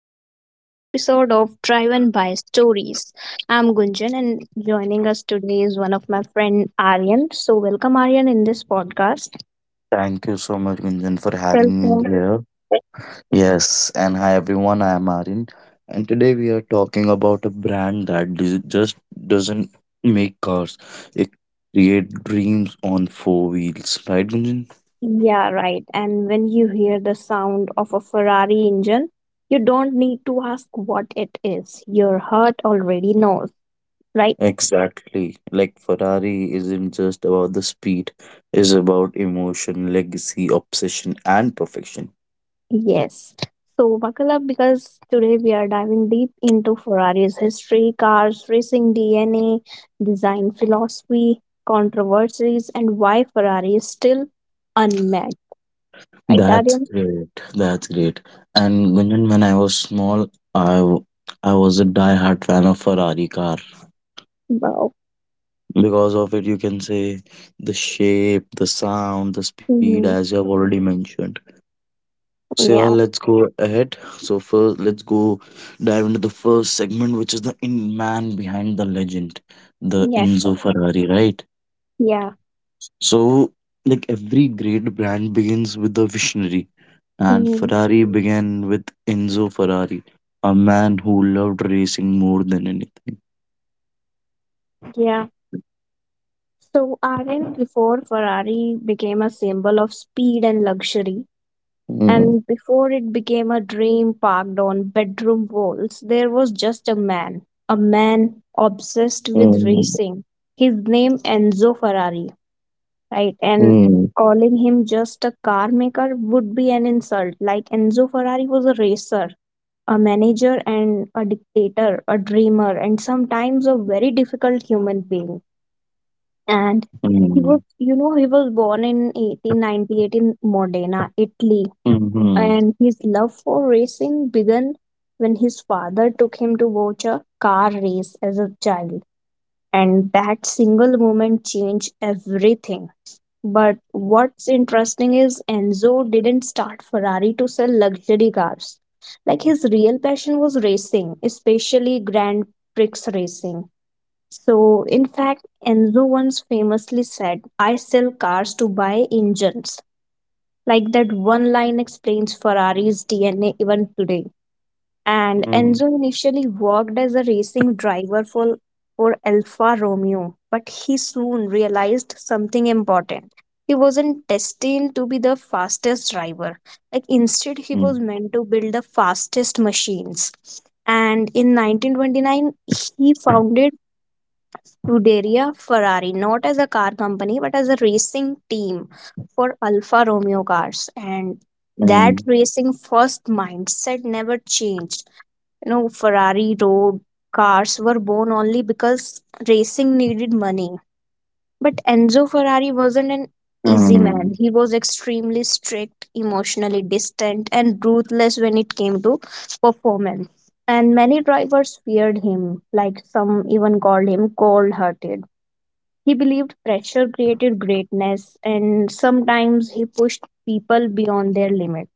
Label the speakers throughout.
Speaker 1: to another episode of Driven by Stories. I'm Gunjan, and joining us today is one of my friend Aryan. So, welcome Aryan in this podcast.
Speaker 2: Thank you so much, Gunjan, for having me
Speaker 1: Welcome.
Speaker 2: here. Yes, and hi everyone, I am Arin. And today we are talking about a brand that just doesn't make cars, it creates dreams on four wheels, right, Gunjan?
Speaker 1: Yeah, right. And when you hear the sound of a Ferrari engine, you don't need to ask what it is. Your heart already knows, right?
Speaker 2: Exactly. Like Ferrari isn't just about the speed, it's about emotion, legacy, obsession, and perfection.
Speaker 1: Yes. So buckle up because today we are diving deep into Ferrari's history, cars, racing DNA, design philosophy, controversies, and why Ferrari is still unmatched. Right,
Speaker 2: That's
Speaker 1: Aryan?
Speaker 2: great. That's great. And Gunjan, when I was small, I w- I was a die-hard fan of Ferrari car.
Speaker 1: Wow.
Speaker 2: Because of it, you can say the shape, the sound, the speed, as
Speaker 1: Mhm.
Speaker 2: you have already mentioned. So yeah,
Speaker 1: Yeah.
Speaker 2: let's go ahead. So first, let's go dive into the first segment, which is the in man behind the legend, the
Speaker 1: Yeah.
Speaker 2: Enzo Ferrari, right?
Speaker 1: Yeah.
Speaker 2: So, like every great brand begins with a visionary, and
Speaker 1: Mhm.
Speaker 2: Ferrari began with Enzo Ferrari, a man who loved racing more than anything.
Speaker 1: Yeah. So Aryan, before Ferrari became a symbol of speed and luxury,
Speaker 2: Mm,
Speaker 1: and before it became a dream parked on bedroom walls, there was just a man obsessed with
Speaker 2: mm,
Speaker 1: racing. His name Enzo Ferrari, right? And
Speaker 2: mm,
Speaker 1: calling him just a car maker would be an insult. Like Enzo Ferrari was a racer, a manager, and a dictator, a dreamer, and sometimes a very difficult human being. And he
Speaker 2: mm,
Speaker 1: was, you know, he was born in 1898 in Modena, Italy,
Speaker 2: mhm,
Speaker 1: and his love for racing began when his father took him to watch a car race as a child. And that single moment changed everything. But what's interesting is Enzo didn't start Ferrari to sell luxury cars. Like his real passion was racing, especially Grand Prix racing. So, in fact, Enzo once famously said, I sell cars to buy engines. Like that one line explains Ferrari's DNA even today. And
Speaker 2: mm,
Speaker 1: Enzo initially worked as a racing driver for Alfa Romeo, but he soon realized something important. He wasn't destined to be the fastest driver. Like instead, he was meant to build the fastest machines. And in 1929, he founded Scuderia Ferrari, not as a car company but as a racing team for Alfa Romeo cars. And that
Speaker 2: mm,
Speaker 1: racing first mindset never changed. Ferrari road cars were born only because racing needed money. But Enzo Ferrari wasn't an easy man.
Speaker 2: mm,
Speaker 1: He was extremely strict, emotionally distant, and ruthless when it came to performance. And many drivers feared him, like some even called him cold hearted. He believed pressure created greatness, and sometimes he pushed people beyond their limit.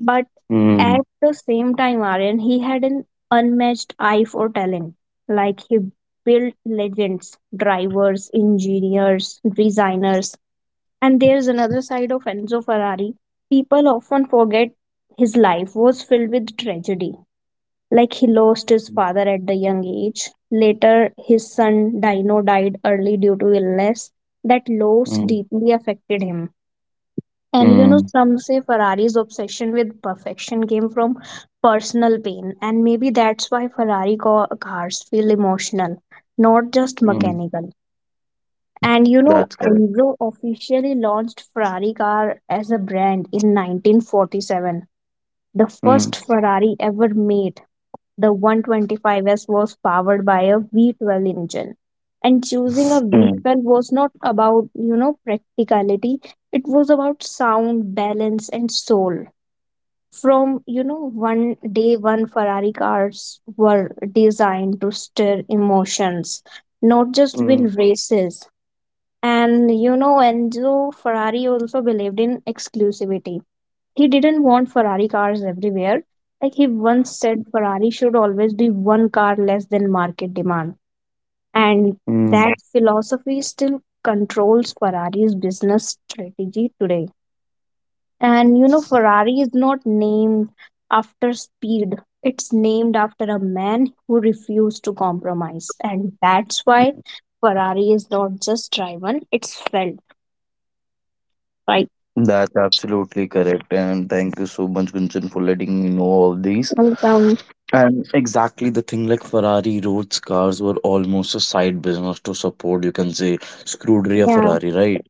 Speaker 1: But
Speaker 2: mm,
Speaker 1: at
Speaker 2: mm,
Speaker 1: the same time, Aryan, he had an unmatched eye for talent. Like he built legends, drivers, engineers, designers. And there's another side of Enzo Ferrari. People often forget his life was filled with tragedy, like he lost his father at the young age. Later, his son Dino died early due to illness. That loss
Speaker 2: mm,
Speaker 1: deeply affected him. And
Speaker 2: mm,
Speaker 1: some say Ferrari's obsession with perfection came from personal pain, and maybe that's why Ferrari cars feel emotional, not just
Speaker 2: mm.
Speaker 1: mechanical. And
Speaker 2: That's correct.
Speaker 1: Enzo officially launched Ferrari car as a brand in 1947. The
Speaker 2: Mm,
Speaker 1: first Ferrari ever made, the 125S, was powered by a V12 engine. And choosing a V12 was not about, practicality. It was about sound, balance, and soul. From, one day one Ferrari cars were designed to stir emotions, not just
Speaker 2: mm,
Speaker 1: win races. And, Enzo Ferrari also believed in exclusivity. He didn't want Ferrari cars everywhere. Like he once said, Ferrari should always be one car less than market demand. And
Speaker 2: mm.
Speaker 1: that philosophy still controls Ferrari's business strategy today. And Ferrari is not named after speed, it's named after a man who refused to compromise. And that's why Ferrari is not just driven, it's felt, right?
Speaker 2: That's absolutely correct. And thank you so much, Gunjan, for letting me know all these.
Speaker 1: Um,
Speaker 2: And exactly the thing like Ferrari roads cars were almost a side business to support, you can say, Scuderia
Speaker 1: yeah.
Speaker 2: Ferrari, right?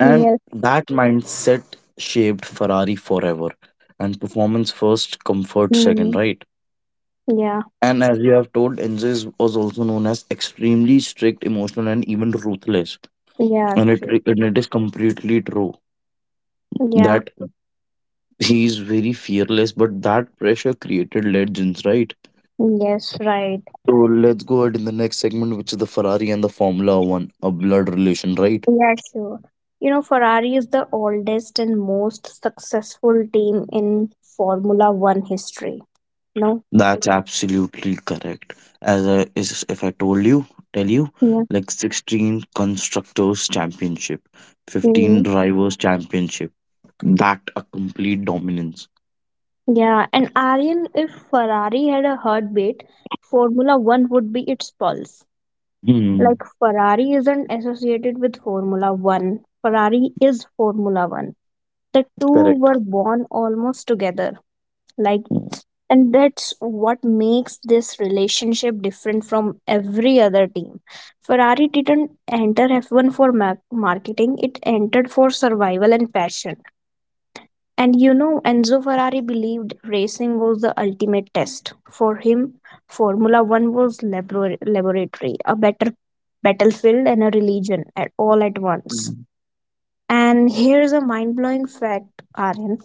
Speaker 2: And
Speaker 1: Yes.
Speaker 2: that mindset shaped Ferrari forever. And performance first, comfort second,
Speaker 1: Hmm.
Speaker 2: right?
Speaker 1: Yeah.
Speaker 2: And as you have told, Enzo was also known as extremely strict, emotional, and even ruthless.
Speaker 1: Yeah,
Speaker 2: And it,
Speaker 1: true.
Speaker 2: and it is completely true
Speaker 1: Yeah.
Speaker 2: that he's very fearless, but that pressure created legends, right?
Speaker 1: Yes, right.
Speaker 2: So let's go ahead in the next segment, which is the Ferrari and the Formula One, a blood relation, right?
Speaker 1: Yeah, sure. Ferrari is the oldest and most successful team in Formula One history. No?
Speaker 2: That's absolutely correct. As I, is, if I told you, tell you,
Speaker 1: Yeah.
Speaker 2: like 16 constructors championship, 15
Speaker 1: Mhm.
Speaker 2: drivers championship, that a complete dominance.
Speaker 1: Yeah, and Aryan, if Ferrari had a heartbeat, Formula One would be its pulse.
Speaker 2: Hmm.
Speaker 1: Like, Ferrari isn't associated with Formula One, Ferrari is Formula One. The two
Speaker 2: Correct.
Speaker 1: were born almost together, like and that's what makes this relationship different from every other team. Ferrari didn't enter F1 for marketing, it entered for survival and passion. And Enzo Ferrari believed racing was the ultimate test. For him, Formula One was laboratory, a better battlefield and a religion at all at once.
Speaker 2: Mm,
Speaker 1: And here's a mind blowing fact, Aryan,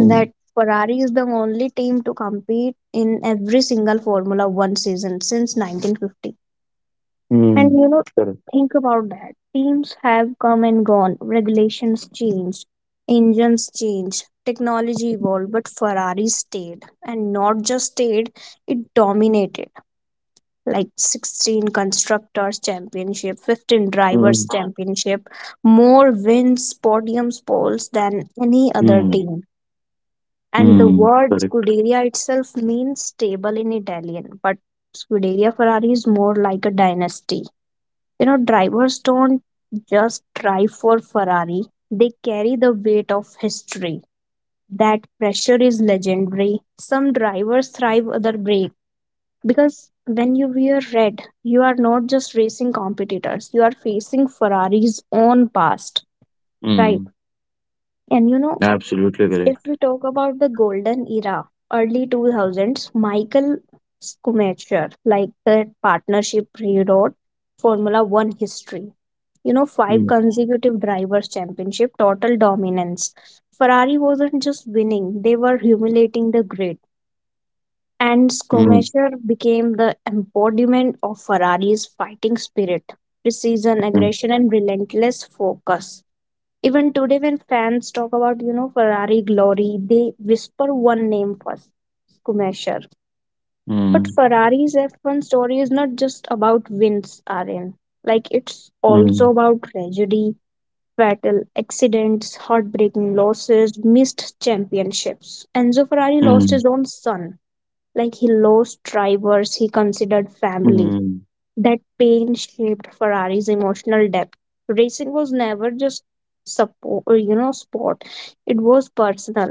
Speaker 2: mm,
Speaker 1: Ferrari is the only team to compete in every single Formula One season since 1950.
Speaker 2: mm.
Speaker 1: And you know,
Speaker 2: Correct.
Speaker 1: think about that. Teams have come and gone, regulations changed, engines changed, technology evolved, but Ferrari stayed. And not just stayed, it dominated, like 16 Constructors' Championship, 15 Drivers'
Speaker 2: Mm,
Speaker 1: Championship, more wins, podiums, poles than any other
Speaker 2: mm,
Speaker 1: team. And the
Speaker 2: mm.
Speaker 1: word
Speaker 2: Correct.
Speaker 1: scuderia itself means stable in Italian, but scuderia Ferrari is more like a dynasty. Drivers don't just drive for Ferrari, they carry the weight of history. That pressure is legendary. Some drivers thrive, other break. Because when you wear red, you are not just racing competitors, you are facing Ferrari's own past, right?
Speaker 2: Mm.
Speaker 1: And you know,
Speaker 2: Absolutely
Speaker 1: if
Speaker 2: correct.
Speaker 1: we talk about the golden era, early 2000s, Michael Schumacher, like the partnership, rewrote Formula One history. Five
Speaker 2: Mm,
Speaker 1: consecutive drivers' championship, total dominance. Ferrari wasn't just winning, they were humiliating the grid. And
Speaker 2: mm,
Speaker 1: Schumacher became the embodiment of Ferrari's fighting spirit, precision,
Speaker 2: mm,
Speaker 1: aggression, and relentless focus. Even today, when fans talk about, Ferrari glory, they whisper one name first, Schumacher. But
Speaker 2: mm,
Speaker 1: Ferrari's F1 story is not just about wins, Aryan. Like, it's also
Speaker 2: mm,
Speaker 1: about tragedy, fatal accidents, heartbreaking losses, missed championships. Enzo Ferrari lost
Speaker 2: mm,
Speaker 1: his own son. Like, he lost drivers he considered family.
Speaker 2: mm,
Speaker 1: That pain shaped Ferrari's emotional depth. Racing was never just sport. It was personal.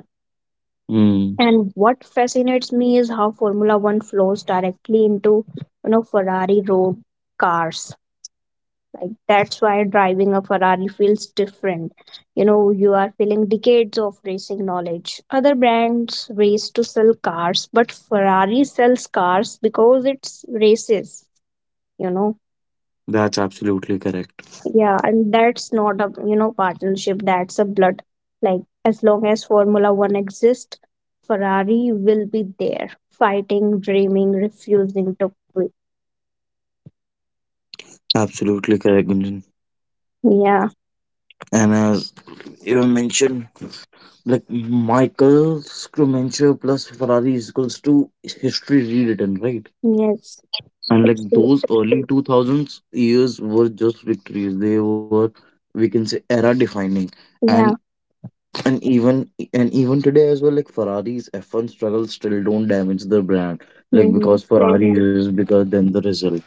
Speaker 2: mm.
Speaker 1: And what fascinates me is how Formula One flows directly into, Ferrari road cars. Like that's why driving a Ferrari feels different. You are feeling decades of racing knowledge. Other brands race to sell cars, but Ferrari sells cars because it's races, you know.
Speaker 2: That's absolutely correct.
Speaker 1: Yeah, and that's not a partnership. That's a blood. Like as long as Formula One exists, Ferrari will be there, fighting, dreaming, refusing to quit.
Speaker 2: Absolutely correct, Gunjan.
Speaker 1: Yeah.
Speaker 2: And as you have mentioned, like Michael Scrumencher plus Ferrari is equals to history rewritten, right?
Speaker 1: Yes.
Speaker 2: And like
Speaker 1: Absolutely.
Speaker 2: those early 2000s years were just victories. They were, we can say, era defining. And
Speaker 1: Yeah.
Speaker 2: and even today as well, like Ferrari's F1 struggles still don't damage the brand, like
Speaker 1: Hmm.
Speaker 2: because Ferrari is bigger than the result.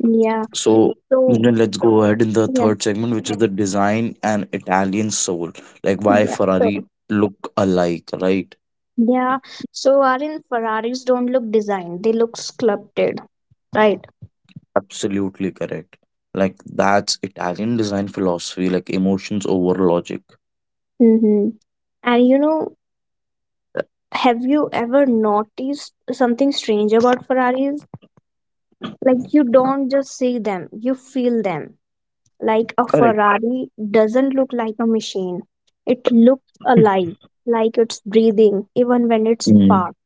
Speaker 1: Yeah.
Speaker 2: So
Speaker 1: So
Speaker 2: then let's go ahead in the
Speaker 1: yeah.
Speaker 2: third segment, which is the design and Italian soul, like why
Speaker 1: Yeah. So
Speaker 2: Ferrari look alike, right?
Speaker 1: yeah. So Arin, Ferraris don't look designed. They look sculpted, right?
Speaker 2: Absolutely correct. Like that's Italian design philosophy, like emotions over logic.
Speaker 1: Mm-hmm. And you know, have you ever noticed something strange about Ferraris? Like you don't just see them, you feel them. Like a
Speaker 2: Correct.
Speaker 1: Ferrari doesn't look like a machine. It looks alive, like it's breathing even when it's
Speaker 2: Mm.
Speaker 1: parked.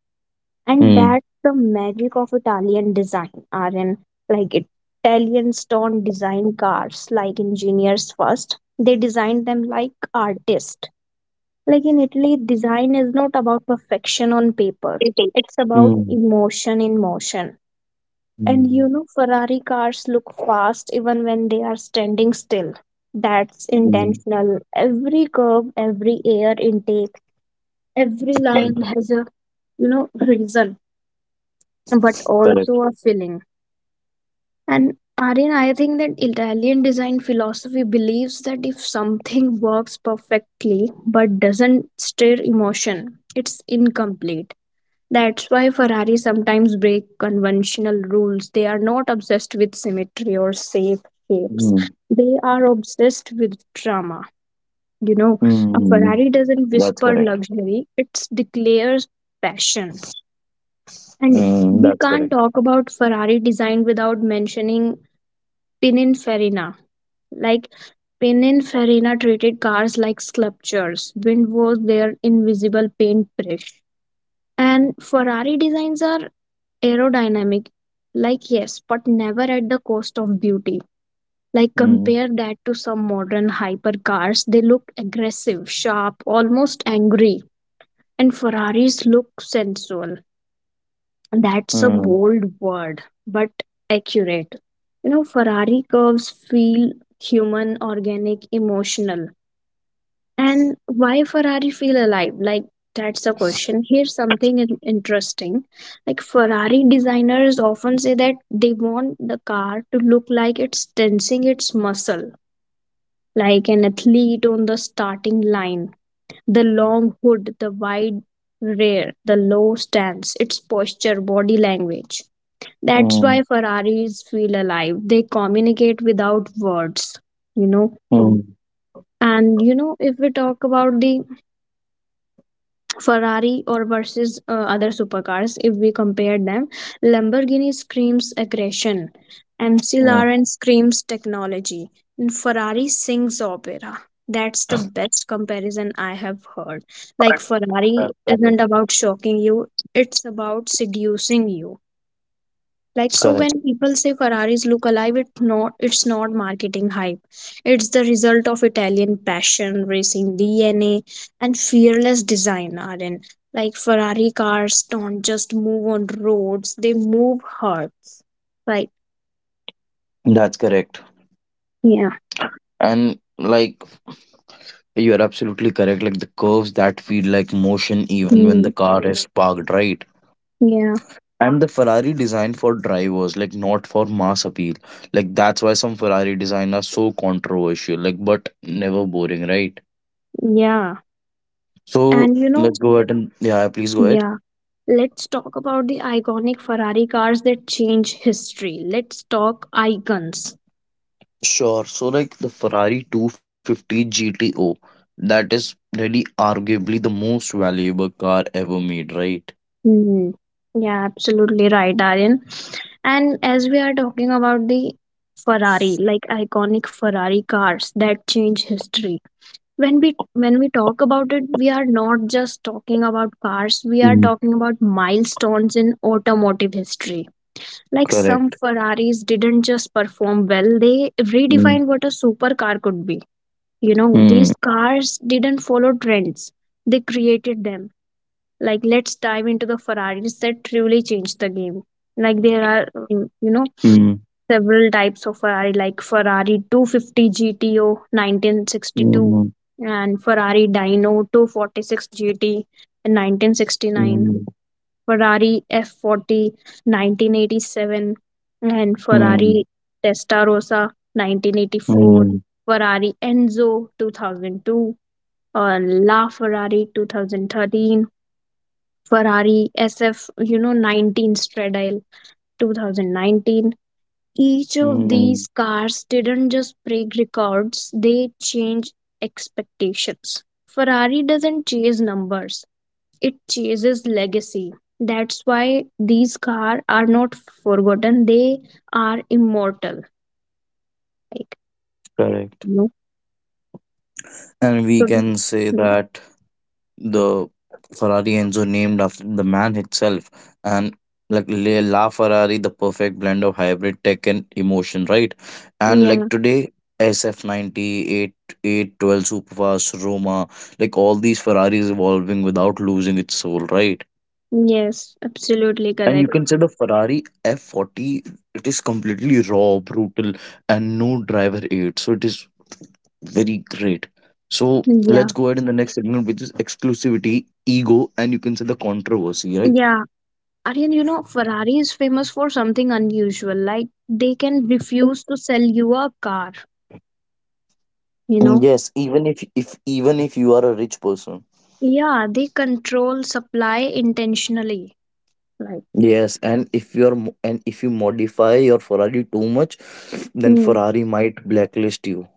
Speaker 1: And
Speaker 2: Mm.
Speaker 1: that's the magic of Italian design, Aryan. Like Italians don't design cars like engineers first. They design them like artists. Like in Italy, design is not about perfection on paper.
Speaker 2: Mm.
Speaker 1: It's about
Speaker 2: Mm.
Speaker 1: emotion in motion.
Speaker 2: Mm.
Speaker 1: Ferrari cars look fast even when they are standing still. That's intentional. Every curve, every air intake, every line
Speaker 2: Mm.
Speaker 1: has a, reason, but also a feeling. And Aryan, I think that Italian design philosophy believes that if something works perfectly but doesn't stir emotion, it's incomplete. That's why Ferrari sometimes break conventional rules. They are not obsessed with symmetry or safe
Speaker 2: Correct.
Speaker 1: shapes. They are obsessed with drama. You know, a
Speaker 2: Mm,
Speaker 1: Ferrari doesn't
Speaker 2: that's
Speaker 1: whisper
Speaker 2: correct.
Speaker 1: luxury, it declares passion. And
Speaker 2: Mm, that's
Speaker 1: we can't
Speaker 2: correct.
Speaker 1: talk about Ferrari design without mentioning Pininfarina. Like Pininfarina treated cars like sculptures. Wind was their invisible paintbrush. And Ferrari designs are aerodynamic, like yes, but never at the cost of beauty. Like
Speaker 2: Mm,
Speaker 1: compare that to some modern hypercars, they look aggressive, sharp, almost angry, and ferraris look sensual. That's a
Speaker 2: mm,
Speaker 1: bold word but accurate. Ferrari curves feel human, organic, emotional. And why Ferrari feel alive? Like that's the question. Here's something interesting. Like Ferrari designers often say that they want the car to look like it's tensing its muscle, like an athlete on the starting line. The long hood, the wide rear, the low stance, its posture, body language. That's
Speaker 2: mm,
Speaker 1: why Ferraris feel alive. They communicate without words, you know.
Speaker 2: mm,
Speaker 1: If we talk about the Ferrari or versus other supercars if we compare them. Lamborghini screams aggression, MC
Speaker 2: mm.
Speaker 1: Lauren screams technology, and Ferrari sings opera. That's the best comparison I have heard. Like, Ferrari
Speaker 2: That's correct.
Speaker 1: isn't about shocking you, it's about seducing you. Like so
Speaker 2: Correct.
Speaker 1: when people say Ferraris look alive, it's not marketing hype. It's the result of Italian passion, racing DNA and fearless design are in. Like Ferrari cars don't just move on roads, they move hearts. Right.
Speaker 2: That's correct.
Speaker 1: Yeah.
Speaker 2: And like you're absolutely correct. Like the curves that feel like motion even when
Speaker 1: Mm.
Speaker 2: the car is parked, right?
Speaker 1: Yeah.
Speaker 2: And the Ferrari designed for drivers, like not for mass appeal. Like that's why some Ferrari design are so controversial, like but never boring, right?
Speaker 1: Yeah.
Speaker 2: So
Speaker 1: And you know,
Speaker 2: let's go ahead and yeah, yeah, please go ahead.
Speaker 1: yeah. Let's talk about the iconic Ferrari cars that change history. Let's talk icons.
Speaker 2: Sure. So like the Ferrari 250 GTO, that is really arguably the most valuable car ever made, right?
Speaker 1: Hmm. Yeah, absolutely right, Aryan. And as we are talking about the Ferrari, like iconic Ferrari cars that change history. When we when we talk about it, we are not just talking about cars, we are talking
Speaker 2: Mm,
Speaker 1: about milestones in automotive history. Like some
Speaker 2: correct.
Speaker 1: Ferraris didn't just perform well, they redefined
Speaker 2: Mm.
Speaker 1: what a supercar could be. These
Speaker 2: Hmm.
Speaker 1: cars didn't follow trends. They created them, like let's dive into the ferraris that truly changed the game. Like there are
Speaker 2: Mm,
Speaker 1: several types of ferrari, like ferrari 250 gto 1962,
Speaker 2: mm,
Speaker 1: and ferrari dino 246 gt in 1969,
Speaker 2: mm,
Speaker 1: ferrari f40 1987, and
Speaker 2: mm,
Speaker 1: ferrari testarossa 1984,
Speaker 2: mm,
Speaker 1: ferrari enzo 2002, or la ferrari 2013, Ferrari SF, 19 Stradale 2019. Each of these
Speaker 2: mm,
Speaker 1: cars didn't just break records, they changed expectations. Ferrari doesn't chase numbers, it chases legacy. That's why these cars are not forgotten, they are immortal. Like,
Speaker 2: correct.
Speaker 1: you know,
Speaker 2: And we can say
Speaker 1: so,
Speaker 2: that the Ferrari Enzo named after the man itself, and like La Ferrari, the perfect blend of hybrid tech and emotion, right? And like
Speaker 1: yeah,
Speaker 2: today, SF98 812 Superfast, Roma, like all these Ferraris evolving without losing its soul, right?
Speaker 1: yes, absolutely
Speaker 2: And you
Speaker 1: correct.
Speaker 2: can say the Ferrari F40, it is completely raw, brutal, and no driver aid. So it is very great. So
Speaker 1: Yeah,
Speaker 2: let's go ahead in the next segment, which is exclusivity, ego, and you can say the controversy, right?
Speaker 1: yeah. Aryan, Ferrari is famous for something unusual. Like, they can refuse to sell you a car, you
Speaker 2: Mm.
Speaker 1: know?
Speaker 2: Yes, even if you are a rich person.
Speaker 1: Yeah, they control supply intentionally. Like,
Speaker 2: Yes, and if you modify your Ferrari too much, then
Speaker 1: mm,
Speaker 2: Ferrari might blacklist you.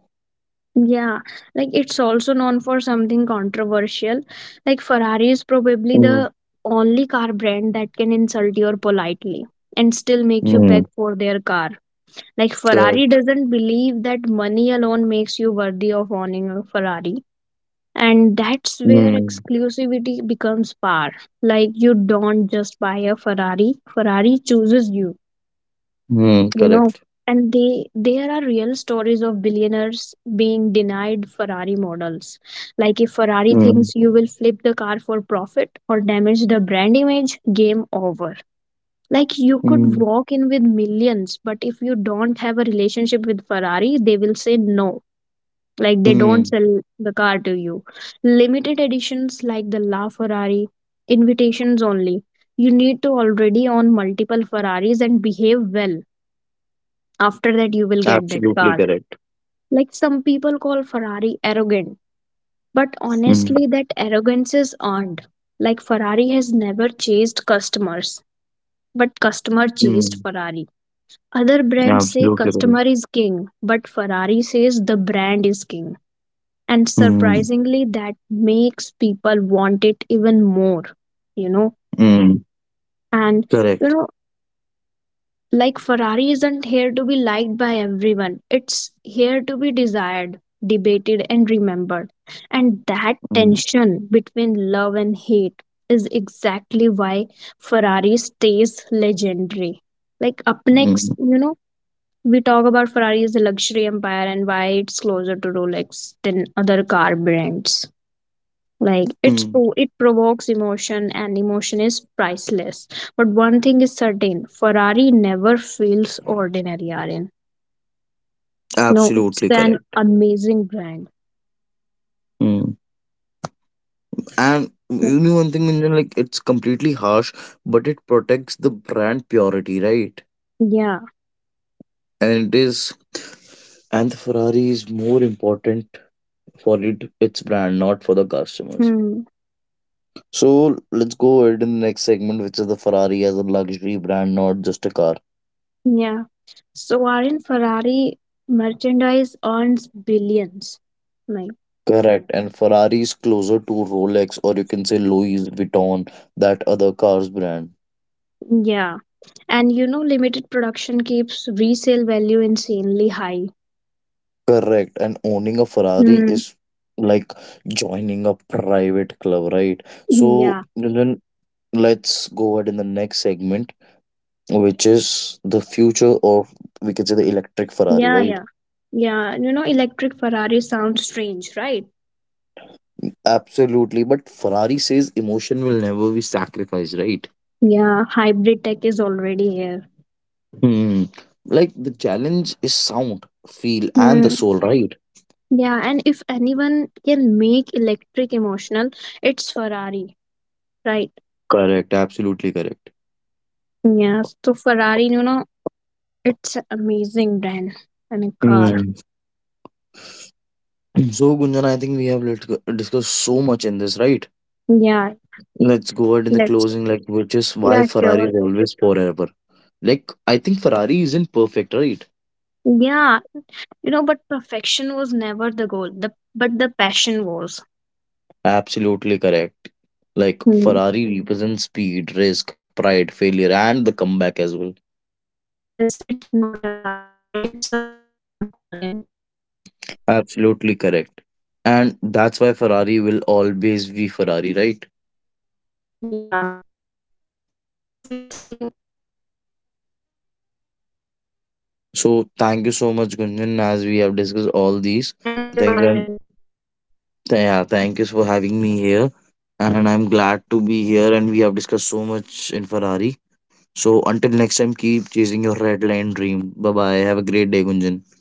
Speaker 1: yeah, like it's also known for something controversial. Like, Ferrari is probably
Speaker 2: Mm.
Speaker 1: the only car brand that can insult you politely and still make you
Speaker 2: Mm,
Speaker 1: beg for their car. Like, Ferrari
Speaker 2: correct.
Speaker 1: doesn't believe that money alone makes you worthy of owning a Ferrari, and that's where
Speaker 2: Mm,
Speaker 1: exclusivity becomes power. Like you don't just buy a ferrari, ferrari chooses you
Speaker 2: mm,
Speaker 1: you know
Speaker 2: correct.
Speaker 1: And they there are real stories of billionaires being denied ferrari models. Like if ferrari
Speaker 2: Mm,
Speaker 1: thinks you will flip the car for profit or damage the brand image, game over. Like you could
Speaker 2: mm,
Speaker 1: walk in with millions, but if you don't have a relationship with ferrari, they will say no. Like they don't
Speaker 2: mm,
Speaker 1: sell the car to you. Limited editions like the la ferrari, invitations only, you need to already own multiple ferraris and behave well. After that, you will get that
Speaker 2: absolutely
Speaker 1: car.
Speaker 2: correct.
Speaker 1: Like some people call ferrari arrogant, but
Speaker 2: Mm,
Speaker 1: honestly that arrogance is earned. Like ferrari has never chased customers, but customer chased
Speaker 2: mm,
Speaker 1: ferrari. Other brands say
Speaker 2: absolutely correct.
Speaker 1: customer is king, but ferrari says the brand is king. And
Speaker 2: Mm,
Speaker 1: surprisingly, that makes people want it even more, you know
Speaker 2: mm,
Speaker 1: and
Speaker 2: correct.
Speaker 1: like ferrari isn't here to be liked by everyone, it's here to be desired, debated, and remembered. And that tension between love and hate is exactly why ferrari stays legendary. Like up next
Speaker 2: Mm.
Speaker 1: you know we talk about ferrari as a luxury empire and why it's closer to rolex than other car brands. Like it's
Speaker 2: Mm,
Speaker 1: it provokes emotion, and emotion is priceless. But one thing is certain, ferrari never feels ordinary, Aryan. No, it's
Speaker 2: absolutely
Speaker 1: an
Speaker 2: correct.
Speaker 1: amazing brand.
Speaker 2: Mm. And
Speaker 1: Mm,
Speaker 2: you know one thing, Gunjan, like it's completely harsh, but it protects the brand purity, right?
Speaker 1: yeah.
Speaker 2: And it is, and the Ferrari is more important for it, its brand, not for the customers.
Speaker 1: Hmm.
Speaker 2: So let's go ahead in the next segment, which is the Ferrari as a luxury brand, not just a car.
Speaker 1: Yeah, so Aryan, ferrari merchandise earns billions. Like
Speaker 2: Correct. And Ferrari is closer to Rolex, or you can say Louis Vuitton, that other cars brand.
Speaker 1: yeah, and limited production keeps resale value insanely high.
Speaker 2: Correct. And owning a Ferrari
Speaker 1: Hmm.
Speaker 2: is like joining a private club, right?
Speaker 1: Hmm,
Speaker 2: So
Speaker 1: yeah.
Speaker 2: then let's go ahead in the next segment, which is the future of, we can say, the electric Ferrari,
Speaker 1: Yeah, yeah,
Speaker 2: right?
Speaker 1: yeah, electric ferrari sounds strange, right?
Speaker 2: Absolutely. But Ferrari says emotion will never be sacrificed, right?
Speaker 1: Yeah, hybrid tech is already here.
Speaker 2: Hmm. Like the challenge is sound, feel, and the
Speaker 1: Hmm.
Speaker 2: soul, right?
Speaker 1: Yeah, and if anyone can make electric emotional, it's Ferrari, right?
Speaker 2: Correct. Absolutely correct.
Speaker 1: Yeah, so Ferrari, it's an amazing brand and a car.
Speaker 2: Hmm. So Gunjan, I think we have discussed so much in this, right?
Speaker 1: Yeah,
Speaker 2: Let's go ahead in the
Speaker 1: let's.
Speaker 2: closing, like which is why
Speaker 1: Yeah,
Speaker 2: Ferrari
Speaker 1: sure.
Speaker 2: is always forever. Like I think Ferrari isn't perfect, right?
Speaker 1: Yeah, but perfection was never the goal. The passion was.
Speaker 2: Absolutely correct. Like
Speaker 1: Hmm.
Speaker 2: Ferrari represents speed, risk, pride, failure, and the comeback as well.
Speaker 1: Yes, it's not a car brand. It's a feeling, Aryan.
Speaker 2: Absolutely correct. And that's why Ferrari will always be Ferrari, right?
Speaker 1: Yeah. So thank you for listening.
Speaker 2: So thank you so much, Gunjan, as we have discussed
Speaker 1: Thank
Speaker 2: all
Speaker 1: you,
Speaker 2: these
Speaker 1: Aryan.
Speaker 2: things. And yeah, thank you for having me here. And I'm glad to be here. And we have discussed so
Speaker 1: Yeah.
Speaker 2: much in Ferrari. So
Speaker 1: Thank you
Speaker 2: until
Speaker 1: for
Speaker 2: next time,
Speaker 1: joining
Speaker 2: keep
Speaker 1: us.
Speaker 2: chasing your red line dream. Bye bye. Have
Speaker 1: Yeah,
Speaker 2: a great day,
Speaker 1: sure. Bye
Speaker 2: Gunjan.
Speaker 1: bye.